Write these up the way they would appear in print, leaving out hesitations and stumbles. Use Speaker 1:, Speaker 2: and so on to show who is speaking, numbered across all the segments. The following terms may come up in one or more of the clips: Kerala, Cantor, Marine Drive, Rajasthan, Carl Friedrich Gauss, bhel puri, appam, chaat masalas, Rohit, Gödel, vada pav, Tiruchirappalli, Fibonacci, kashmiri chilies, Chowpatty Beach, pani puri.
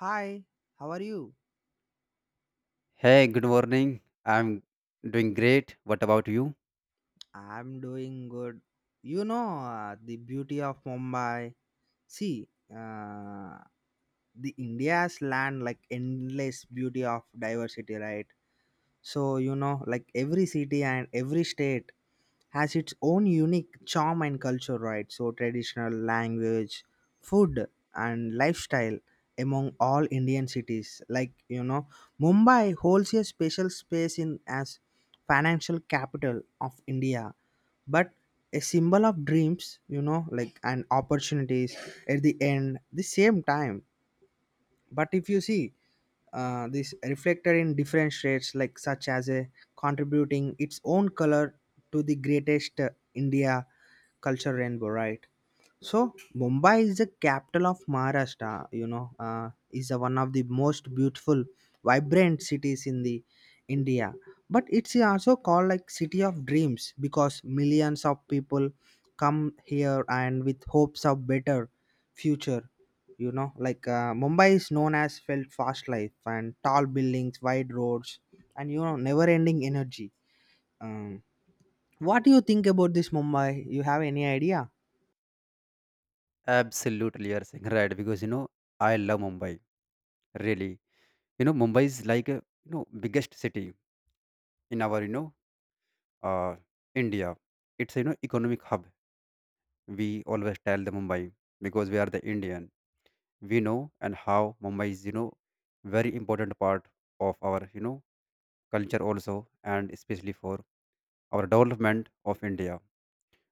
Speaker 1: Hi, how are you?
Speaker 2: Hey, good morning. I'm doing great. What about you?
Speaker 1: I'm doing good. The beauty of Mumbai. See, uh, the India's land like endless beauty of diversity, right? So like every city and every state has its own unique charm and culture, right? So, traditional language, food, and lifestyle among all Indian cities. Mumbai holds a special space in as financial capital of India, but a symbol of dreams, like and opportunities at the end, the same time but if you see this reflected in different shades like such as a contributing its own color to the greatest india culture rainbow right so Mumbai is the capital of Maharashtra. Is a one of the most beautiful, vibrant cities in the India. But it's also called like city of dreams because millions of people come here and with hopes of better future. Mumbai is known as felt fast life and tall buildings, wide roads, and never-ending energy. Um, what do you think about this Mumbai? You have any idea?
Speaker 2: Absolutely, you're saying right because I love Mumbai. Really, Mumbai is like a biggest city in our uh India. It's economic hub. We always tell the Mumbai because we are the Indian. We know and how Mumbai is very important part of our culture also and especially for our development of India.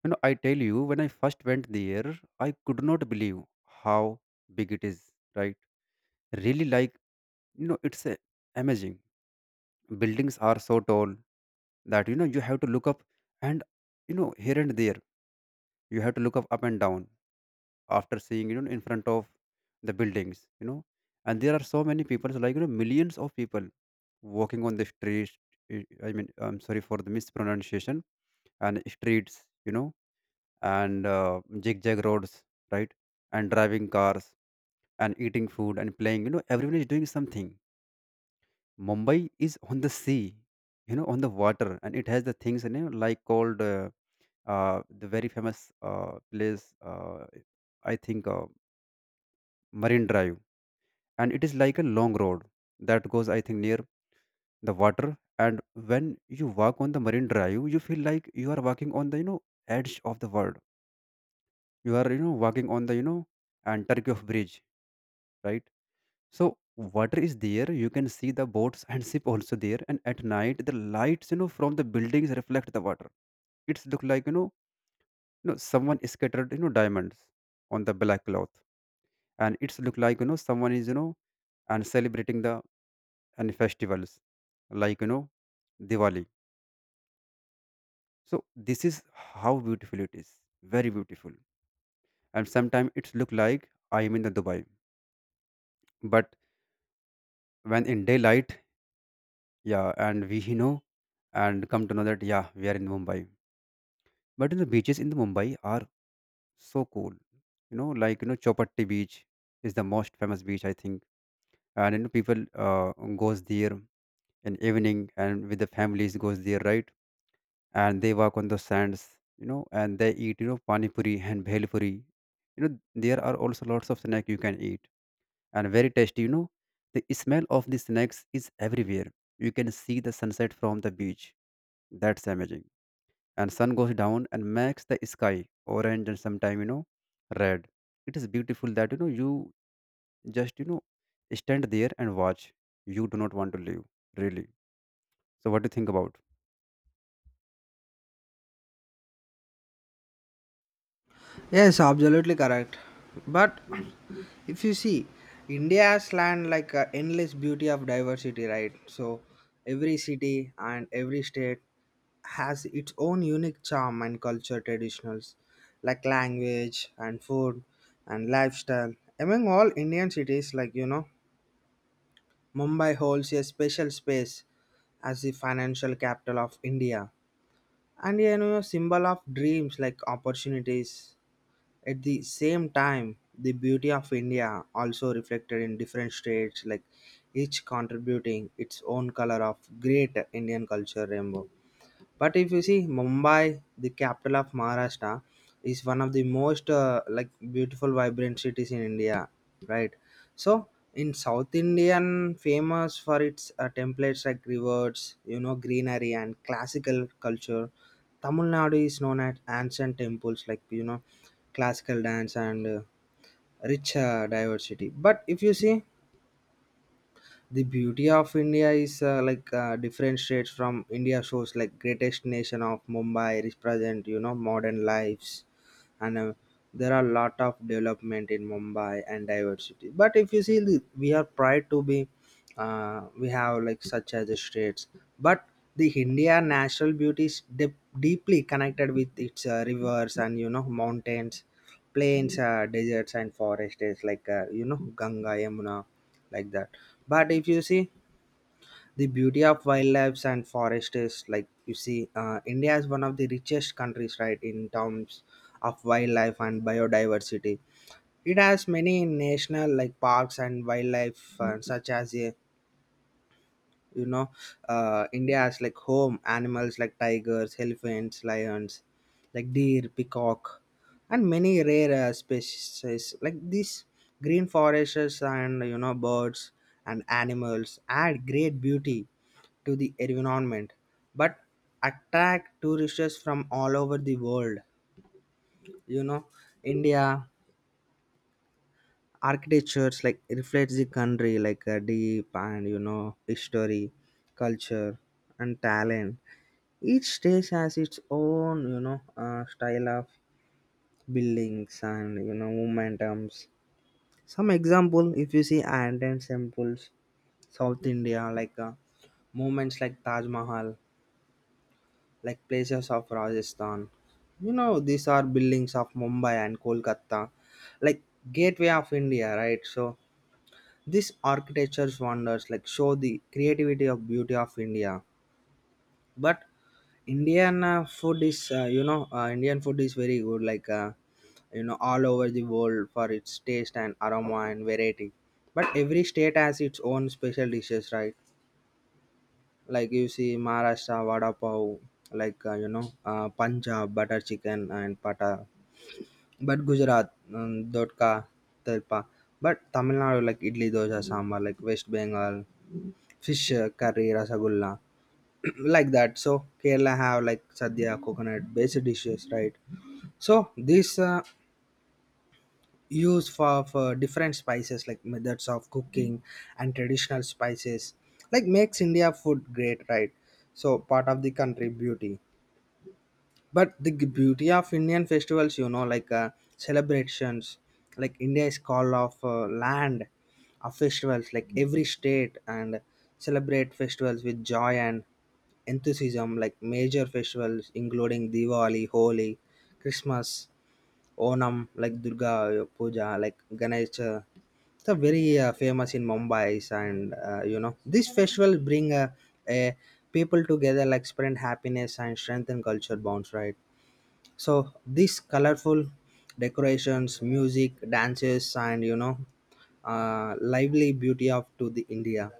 Speaker 2: I tell you, when I first went there, I could not believe how big it is, right? Really, like, it's amazing. Buildings are so tall that, you have to look up and, here and there, you have to look up and down after seeing, in front of the buildings. And there are so many people, so like, millions of people walking on the streets. I mean, I'm sorry for the mispronunciation and streets, you know and zigzag roads, right? And driving cars and eating food and playing. Everyone is doing something. Mumbai is on the sea, on the water, and it has the things in it, like called the very famous place, I think, Marine Drive, and it is like a long road that goes, I think, near the water. And when you walk on the Marine Drive, you feel like you are walking on the edge of the world. You are walking on the and Turkey of Bridge, right? So water is there. You can see the boats and ship also there. And at night the lights, from the buildings reflect the water. It's look like someone scattered, diamonds on the black cloth. And it's look like someone is, and celebrating the and festivals like, Diwali. So this is how beautiful it is. Very beautiful. And sometimes it's look like I am in the Dubai. But when in daylight, yeah, and we, and come to know that, yeah, we are in Mumbai. But in the beaches in the Mumbai are so cool. Like, Chopatti Beach is the most famous beach, I think, and people, goes there in evening and with the families, goes there, right, and they walk on the sands. And they eat, pani puri and bhel puri. There are also lots of snack you can eat, and very tasty. The smell of the snacks is everywhere. You can see the sunset from the beach. That's amazing. And sun goes down and makes the sky orange, and sometime, red. It is beautiful that, you just, stand there and watch. You do not want to leave, really. So what do you think about?
Speaker 1: Yes, absolutely correct. But if you see, India's land like endless beauty of diversity, right? So every city and every state has its own unique charm and culture traditionals, like language and food and lifestyle. Among all Indian cities, Mumbai holds a special space as the financial capital of India and symbol of dreams like opportunities at the same time, the beauty of India also reflected in different states, like each contributing its own color of great Indian culture rainbow. But if you see Mumbai, the capital of Maharashtra, is one of the most like beautiful, vibrant cities in India, right? So in South Indian, famous for its templates like rivers, greenery and classical culture. Tamil Nadu is known as ancient temples like classical dance and rich diversity. But if you see the beauty of india is different states from india shows like greatest nation of mumbai represent you know modern lives and there are a lot of development in mumbai and diversity but if you see we are proud to be we have like such as the states but the india national beauty is deeply connected with its rivers and you know mountains plains deserts and forest is like you know ganga yamuna like that but if you see the beauty of wildlife and forest is like you see india is one of the richest countries right in terms of wildlife and biodiversity it has many national like parks and wildlife such as the you know india has like home animals like tigers elephants lions like deer peacock and many rare species like these green forests and you know birds and animals add great beauty to the environment but attract tourists from all over the world you know india architectures like reflects the country like a deep and you know history culture and talent. Each stage has its own, style of buildings and you know momentums. Some example, if you see ancient temples, South India, like movements like Taj Mahal, like places of Rajasthan. You know, these are buildings of Mumbai and Kolkata, like gateway of India, right? So this architecture's wonders like show the creativity of beauty of India. But Indian food is, Indian food is very good, all over the world for its taste and aroma and variety. But every state has its own special dishes, right? Like you see Maharashtra, Vada Pav, Punjab, butter chicken and pata. But Gujarat, Dodka, Telpa. But Tamil Nadu, like Idli, Dosa, Sambar, like West Bengal, fish curry, Rasagulla like that so kerala have like sadhya coconut based dishes right so these use for different spices like methods of cooking and traditional spices like makes india food great right so part of the country beauty but the beauty of Indian festivals, celebrations, like India is called of land of festivals, like every state and celebrate festivals with joy and enthusiasm, like major festivals including Diwali, Holi, Christmas, Onam, like Durga Puja, like Ganesh. It's a very famous in Mumbai, and this festival bring a people together, like spread happiness and strengthen culture bonds, right? So these colorful decorations, music, dances, and lively beauty of to the India.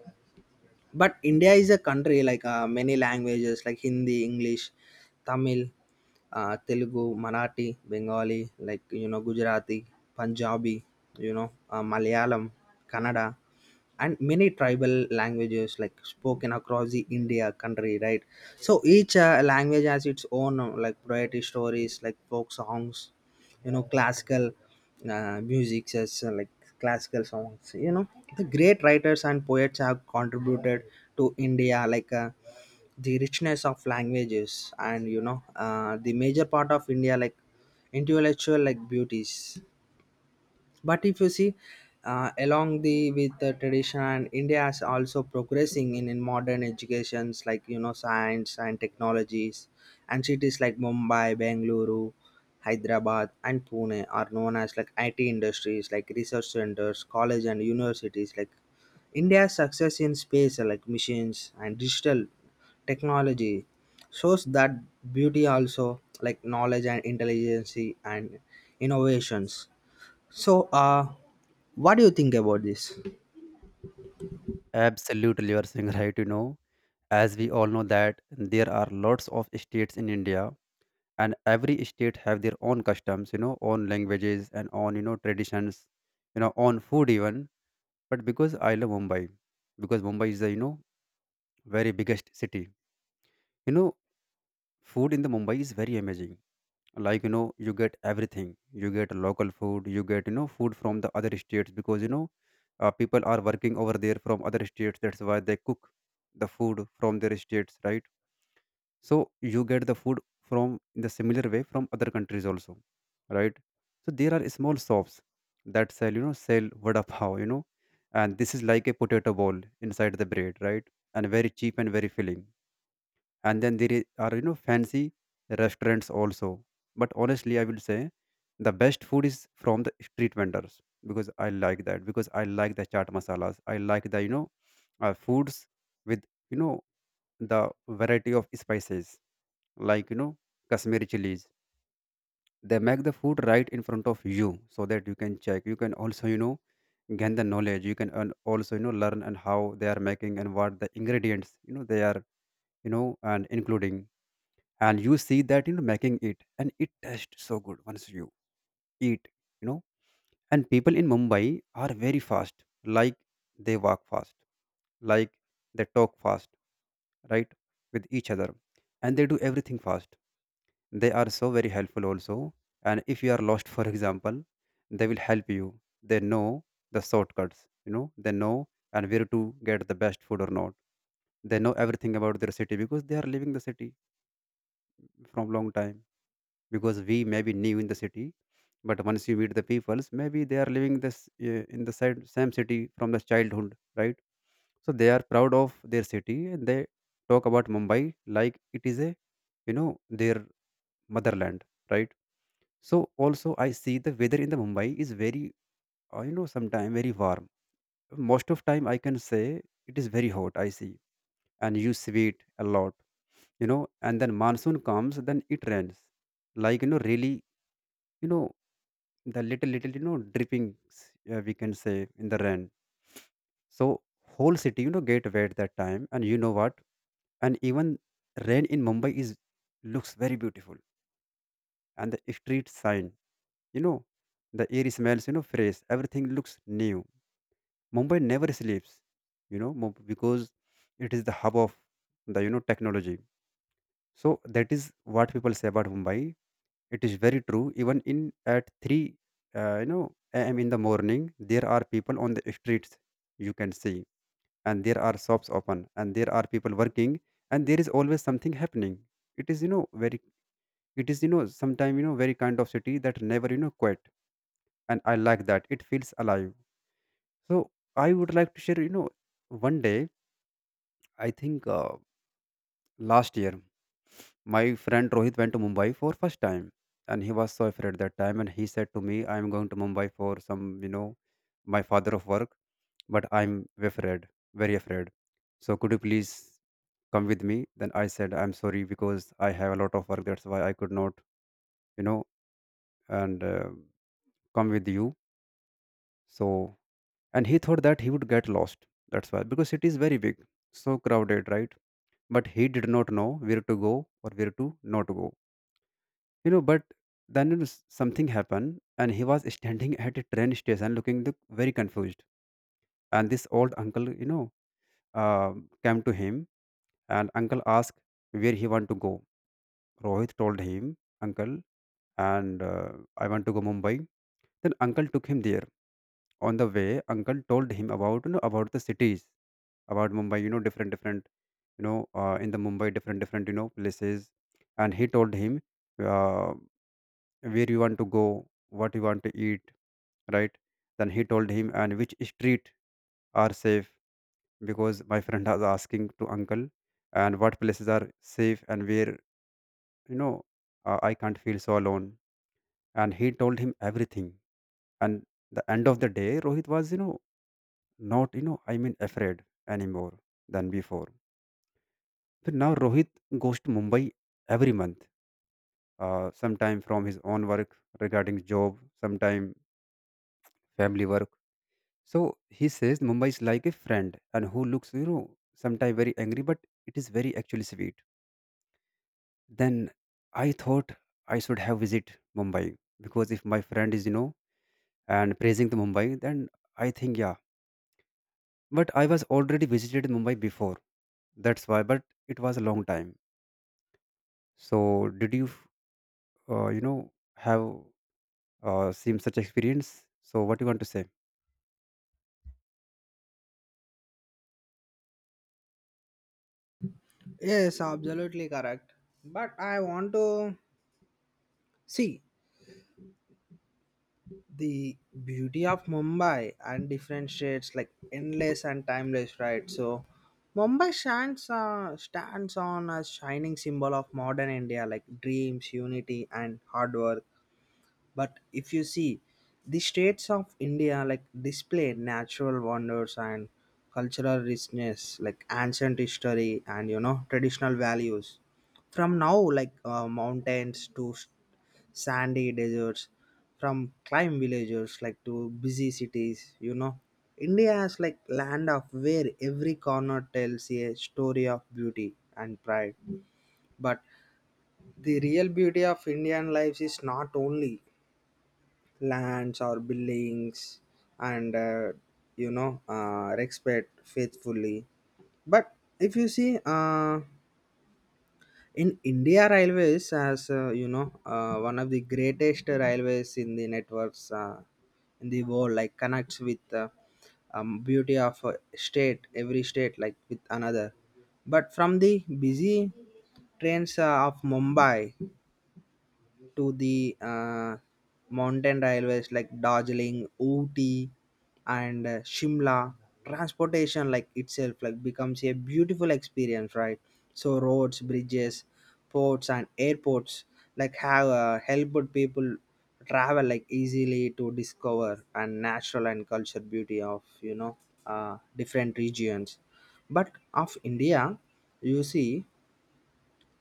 Speaker 1: But India is a country like many languages like Hindi, English, Tamil, Telugu, Marathi, Bengali, Gujarati, Punjabi, Malayalam, Kannada and many tribal languages like spoken across the india country right so each language has its own like poetry stories like folk songs you know classical music as like classical songs you know the great writers and poets have contributed to india like the richness of languages and you know the major part of india like intellectual like beauties but if you see along the with the tradition and india is also progressing in modern educations like you know science and technologies and cities like mumbai bengaluru hyderabad and pune are known as like it industries like research centers college and universities like india's success in space like machines and digital technology shows that beauty also like knowledge and intelligence and innovations so, what do you think about this?
Speaker 2: Absolutely, you are saying right. As we all know that there are lots of states in India, and every state have their own customs, own languages, and own, traditions, own food even. But because I love Mumbai, because Mumbai is the, very biggest city, you know food in the Mumbai is very amazing. Like, you get everything. You get local food. You get, food from the other states. Because, people are working over there from other states. That's why they cook the food from their states, right? So you get the food from in the similar way from other countries also, right? So there are small shops that sell, sell vada pav, and this is like a potato ball inside the bread, right? And very cheap and very filling. And then there are, fancy restaurants also. But honestly, I will say the best food is from the street vendors, because I like that, because I like the chaat masalas, I like the, foods with, you know the variety of spices, like, Kashmiri chilies. They make the food right in front of you, so that you can check. You can also, gain the knowledge. You can, and also, learn and how they are making and what the ingredients, they are, you know and including. And you see that, making it. And it tastes so good once you eat, you know and people in Mumbai are very fast. Like, they walk fast, like, they talk fast, right, with each other. And they do everything fast. They are so very helpful also. And if you are lost for example, they will help you. They know the shortcuts, they know, and where to get the best food or not. They know everything about their city because they are living the city from long time. Because we may be new in the city, but once you meet the peoples, maybe they are living this, in the same city from the childhood, right? So they are proud of their city, and they talk about Mumbai like it is a, you know their motherland, right? So also I see the weather in the Mumbai is very, sometime very warm. Most of time I can say it is very hot I see. And you sweat a lot, you know and then monsoon comes, then it rains. Like, really, you know, the little, little, drippings, we can say, in the rain. So whole city, get wet that time. And you know what? And even rain in Mumbai is looks very beautiful. And the street sign, you know, the air smells, fresh. Everything looks new. Mumbai never sleeps, because it is the hub of the, technology. So that is what people say about Mumbai. It is very true. Even in at three, a.m. in the morning, there are people on the streets. You can see, and there are shops open, and there are people working, and there is always something happening. It is very. It is, sometime, very kind of city that never, quit, and I like that. It feels alive. So I would like to share, one day, I think, last year, my friend Rohit went to Mumbai for first time, and he was so afraid that time. And he said to me, "I am going to Mumbai for some, my father of work, but I'm afraid, very afraid. So could you please come with me?" Then I said, "I'm sorry because I have a lot of work. That's why I could not, you know, and come with you." So, and he thought that he would get lost. That's why, because it is very big, so crowded, right? But he did not know where to go or where to not go, but then, something happened, and he was standing at a train station looking the, very confused. And this old uncle, uh, came to him. And uncle asked where he want to go. Rohit told him, "Uncle, and I want to go Mumbai." Then uncle took him there. On the way, uncle told him about, about the cities, about Mumbai, different, in the Mumbai different, places. And he told him, uh, where you want to go, what you want to eat, right? Then he told him, and which street are safe, because my friend was asking to uncle, and what places are safe and where, you know, I can't feel so alone. And he told him everything. And the end of the day, Rohit was, not, I mean, afraid anymore than before. So now Rohit goes to Mumbai every month, sometime from his own work regarding job, sometime family work. So he says Mumbai is like a friend, and who looks, sometimes very angry, but it is very actually sweet. Then I thought I should have visit Mumbai, because if my friend is, and praising the Mumbai, then I think, yeah. But I was already visited Mumbai before. That's why, but it was a long time. So did you, uh, you know, have, seen such experience? So what you want to say?
Speaker 1: Yes, absolutely correct. But I want to see the beauty of Mumbai and different shades like endless and timeless, right? So, Mumbai stands on a shining symbol of modern India like dreams, unity, and hard work. But if you see the states of india like display natural wonders and cultural richness like ancient history and you know traditional values from now like mountains to sandy deserts from climb villagers like to busy cities you know india has like land of where every corner tells a story of beauty and pride but the real beauty of indian lives is not only lands or buildings and respect faithfully but if you see in india railways as one of the greatest railways in the networks in the world like connects with beauty of a state every state like with another but from the busy trains of mumbai to the mountain railways like Darjeeling, Ooty, and Shimla. Transportation like itself like becomes a beautiful experience, right? So roads, bridges, ports, and airports like have helped people travel like easily to discover and natural and culture beauty of you know different regions. But of India, you see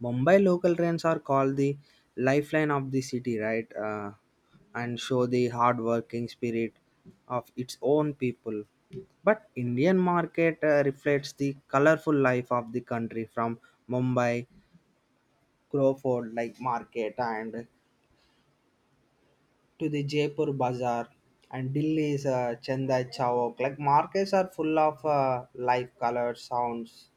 Speaker 1: Mumbai local trains are called the lifeline of the city, right? And show the hardworking spirit of its own people. But Indian market reflects the colorful life of the country from Mumbai, Crawford like market and to the Jaipur Bazaar and Delhi's Chanda Chowk. Like markets are full of life, colors, sounds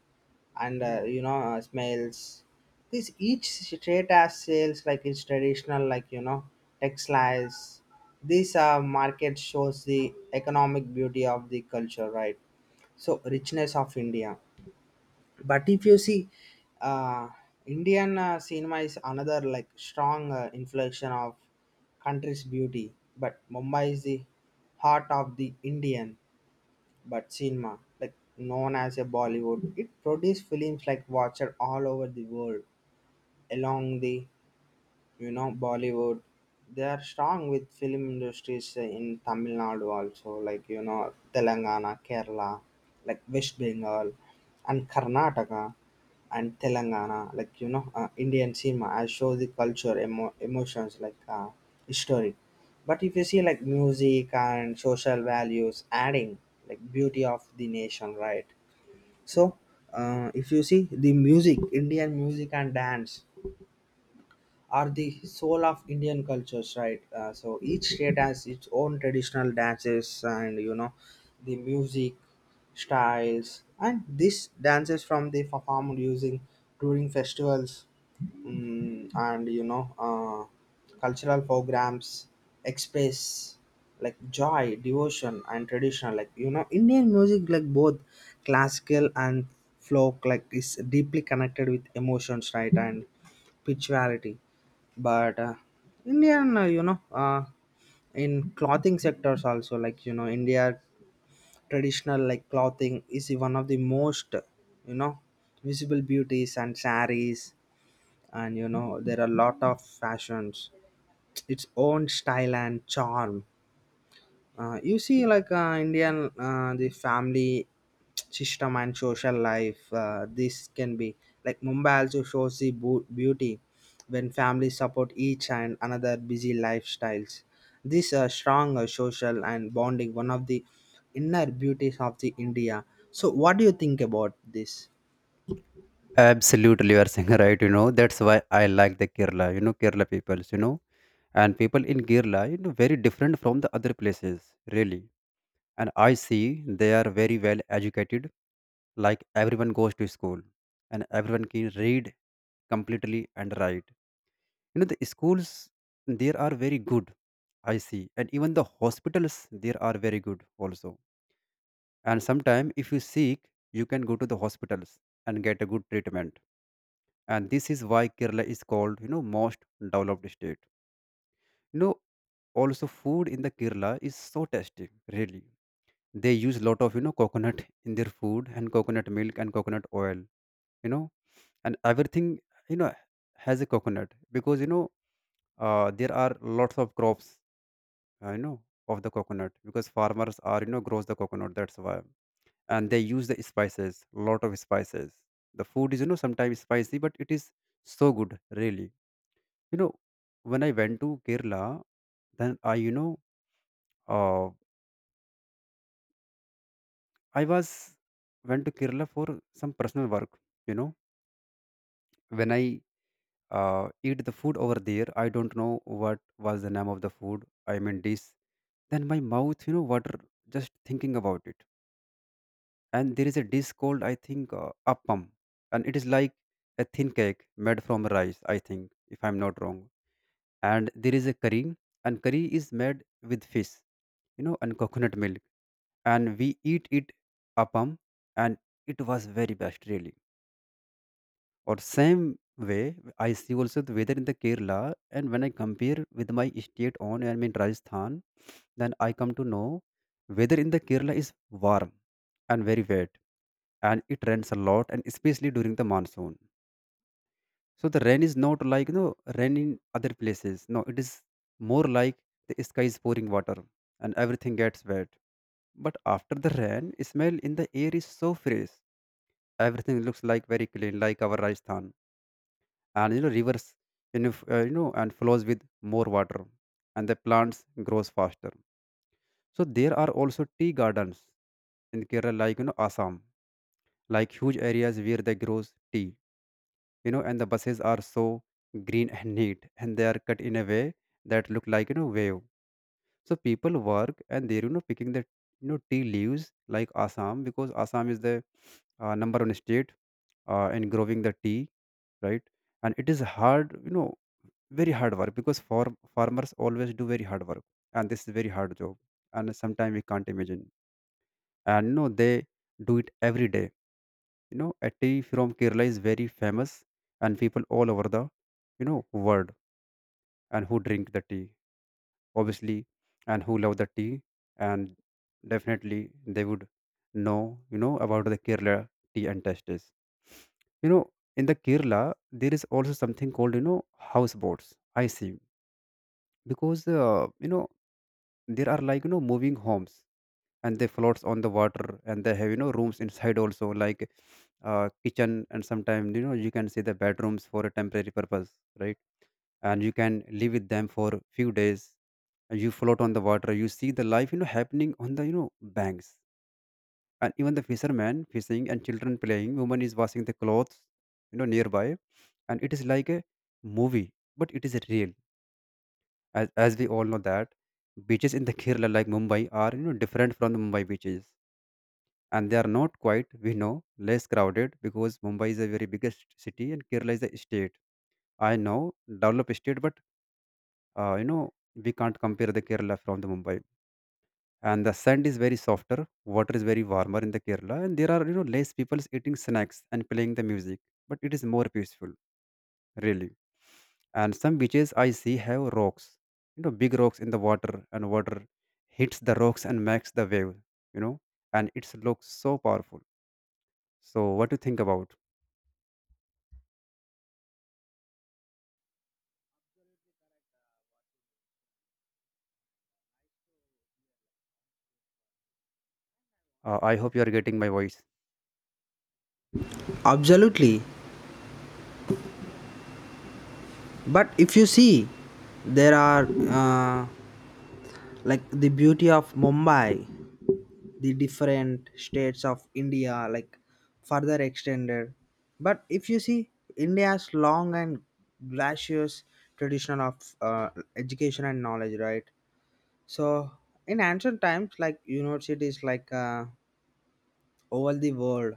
Speaker 1: and smells this each straight has sales like its traditional like you know textiles these market shows the economic beauty of the culture right so richness of india but if you see uh, indian cinema is another like strong inflection of country's beauty but mumbai is the heart of the indian but cinema like known as a bollywood it produced films like watched all over the world along the you know bollywood they are strong with film industries in tamil nadu also like you know telangana kerala like west bengal and karnataka and telangana indian cinema I show the culture emotions like history but if you see like music and social values adding like beauty of the nation right so if you see the music indian music and dance are the soul of Indian cultures, right? So each state has its own traditional dances and you know the music styles, and these dances from the performed using during festivals and cultural programs express like joy, devotion, and traditional. Like you know, Indian music like both classical and folk like is deeply connected with emotions, right? And spirituality but indian in clothing sectors also like you know india traditional like clothing is one of the most you know visible beauties and saris and you know there are a lot of fashions its own style and charm you see like indian the family system and social life this can be like mumbai also shows the beauty when families support each and another busy lifestyles this strong social and bonding one of the inner beauties of the india so what do you think about this
Speaker 2: Absolutely, you are saying right. That's why I like the Kerala. Kerala peoples. And people in Kerala, very different from the other places, really. And I see they are very well educated, like everyone goes to school, and everyone can read completely and write. The schools there are very good, I see. And even the hospitals there are very good also. And sometimes if you seek, you can go to the hospitals and get a good treatment. And this is why Kerala is called, most developed state you know Also, food in the Kerala is so tasty, really. They use a lot of coconut in their food, and coconut milk and coconut oil, you know, and everything you know has a coconut, because there are lots of crops, uh, you know of the coconut, because farmers are grows the coconut, that's why. And they use the spices, lot of spices. The food is, sometimes spicy, but it is so good, really. you know when I went to Kerala, then I you know uh, I was went to Kerala for some personal work. You know, when I eat the food over there, I don't know what was the name of the food. I mean dish. Then my mouth, you know, water, just thinking about it. And there is a dish called, I think, appam, and it is like a thin cake made from rice, I think, if I'm not wrong. And there is a curry, and curry is made with fish, you know, and coconut milk, and we eat it appam, and it was very best, really. Or same way, I see also the weather in the Kerala, and when I compare with my state on, I mean Rajasthan, then I come to know weather in the Kerala is warm and very wet, and it rains a lot, and especially during the monsoon. So the rain is not like rain in other places. No, it is more like the sky is pouring water, and everything gets wet. But after the rain, smell in the air is so fresh. Everything looks like very clean, like our Rajasthan. And rivers, and flows with more water, and the plants grows faster. So there are also tea gardens in Kerala, like Assam, like huge areas where they grows tea, and the buses are so green and neat, and they are cut in a way that look like, wave. So people work, and they're picking the, tea leaves, like Assam, because Assam is the number one state in growing the tea, right? And it is hard. Very hard work, because farmers always do very hard work, and this is very hard job. And sometimes we can't imagine. And no, they do it every day. You know, a tea from Kerala is very famous, and people all over the, you know, world, and who drink the tea, obviously, and who love the tea, and definitely they would know, you know, about the Kerala tea and tastes. You know, in the Kerala, there is also something called, you know, houseboats, I see. Because there are like, moving homes, and they floats on the water, and they have, rooms inside also, like kitchen, and sometimes, you can see the bedrooms for a temporary purpose, right? And you can live with them for few days, and you float on the water. You see the life, happening on the, banks, and even the fisherman fishing and children playing, woman is washing the clothes, nearby. And it is like a movie, but it is real. As we all know that, beaches in the Kerala, like Mumbai, are, different from the Mumbai beaches, and they are not quite, we know, less crowded, because Mumbai is a very biggest city and Kerala is a state. I know developed state, but we can't compare the Kerala from the Mumbai. And the sand is very softer, water is very warmer in the Kerala, and there are, less people eating snacks and playing the music, but it is more peaceful, really. And some beaches I see have rocks, you know, big rocks in the water, and water hits the rocks and makes the wave, you know, and it looks so powerful. So, what do you think about? I hope you are getting my voice.
Speaker 1: absolutely but if you see there are uh, like the beauty of mumbai the different states of india like further extended but if you see india's long and gracious tradition of uh, education and knowledge right so in ancient times like universities like over the world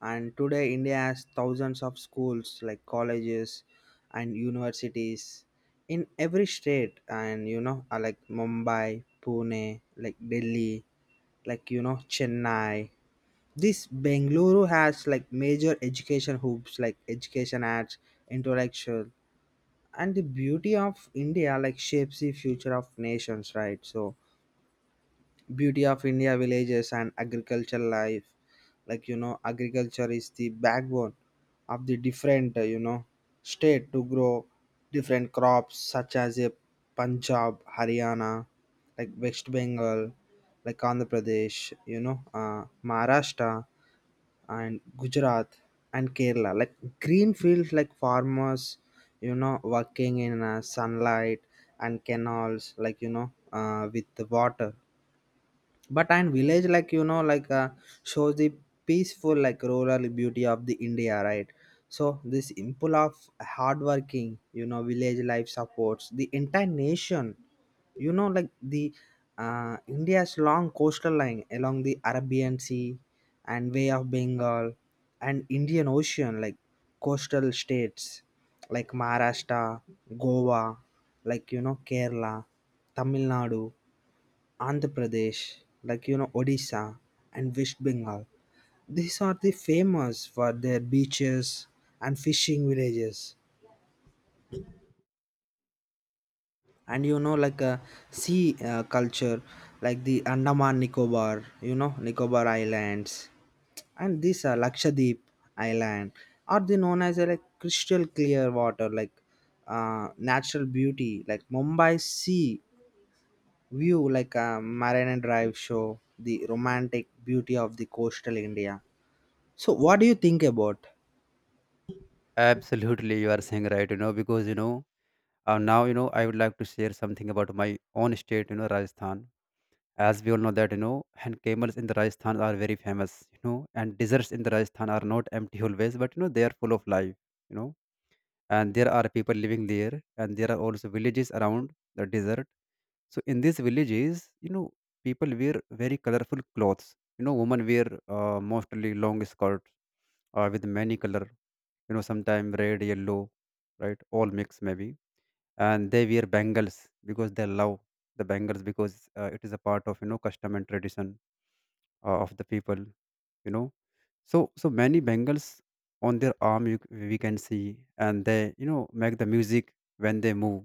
Speaker 1: and today india has thousands of schools like colleges and universities in every state and like mumbai pune like delhi like you know chennai this Bengaluru has like major education hoops like education arts, intellectual, and the beauty of India like shapes the future of nations, right? So beauty of India villages and agricultural life, like you know, agriculture is the backbone of the different you know state to grow different crops such as a Punjab, Haryana, like West Bengal, like Andhra Pradesh, Maharashtra and Gujarat and Kerala. Like green fields, like farmers, you know, working in sunlight and canals, with the water but and village shows the peaceful like rural beauty of the india right so this impulse of hardworking you know village life supports the entire nation you know like the india's long coastal line along the arabian sea and way of bengal and indian ocean like coastal states like maharashtra goa like you know kerala tamil nadu Andhra Pradesh, like you know Odisha and West Bengal. These are the famous for their beaches and fishing villages. And you know like a sea culture like the Andaman Nicobar, you know Nicobar Islands and these are Lakshadweep Island are they known as a like crystal clear water like natural beauty like Mumbai sea view like a Marina Drive show the romantic beauty of the coastal India. So, what do you think about?
Speaker 2: Absolutely, you are saying right, you know, because you know, now you know, I would like to share something about my own state, you know, Rajasthan. As we all know that, you know, and camels in the Rajasthan are very famous, you know, and deserts in the Rajasthan are not empty always, but you know, they are full of life, you know and there are people living there, and there are also villages around the desert. So in these villages, people wear very colorful clothes. Women wear mostly long skirts, with many color, sometimes red, yellow, right, all mix maybe. And they wear bangles, because they love the bangles, because it is a part of, custom and tradition of the people, you know. So so many bangles on their arm, we can see, and they, make the music when they move,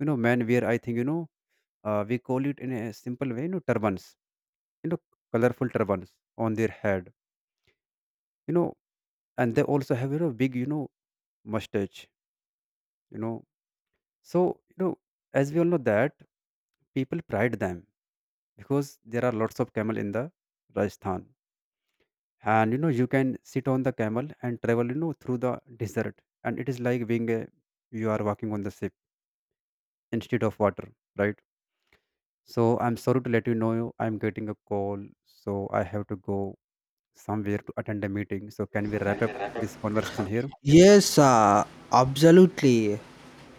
Speaker 2: you know. Men wear, I think, we call it in a simple way, turbans, you know, colorful turbans on their head, you know. And they also have, big, mustache, you know. So, you know as we all know that, people pride them, because there are lots of camel in the Rajasthan. And you know, you can sit on the camel and travel, through the desert, and it is like being a, you are walking on the ship instead of water, right? So I'm sorry to let you know, I'm getting a call, so I have to go somewhere to attend a meeting. So can we wrap up this conversation here?
Speaker 1: Yes, absolutely.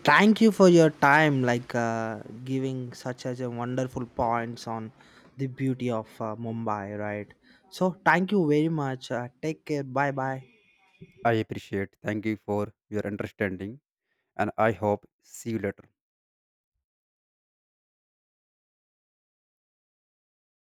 Speaker 1: Thank you for your time, like giving such as a wonderful points on the beauty of Mumbai, right? So, thank you very much. Take care. Bye bye.
Speaker 2: I appreciate. Thank you for your understanding, and I hope see you later.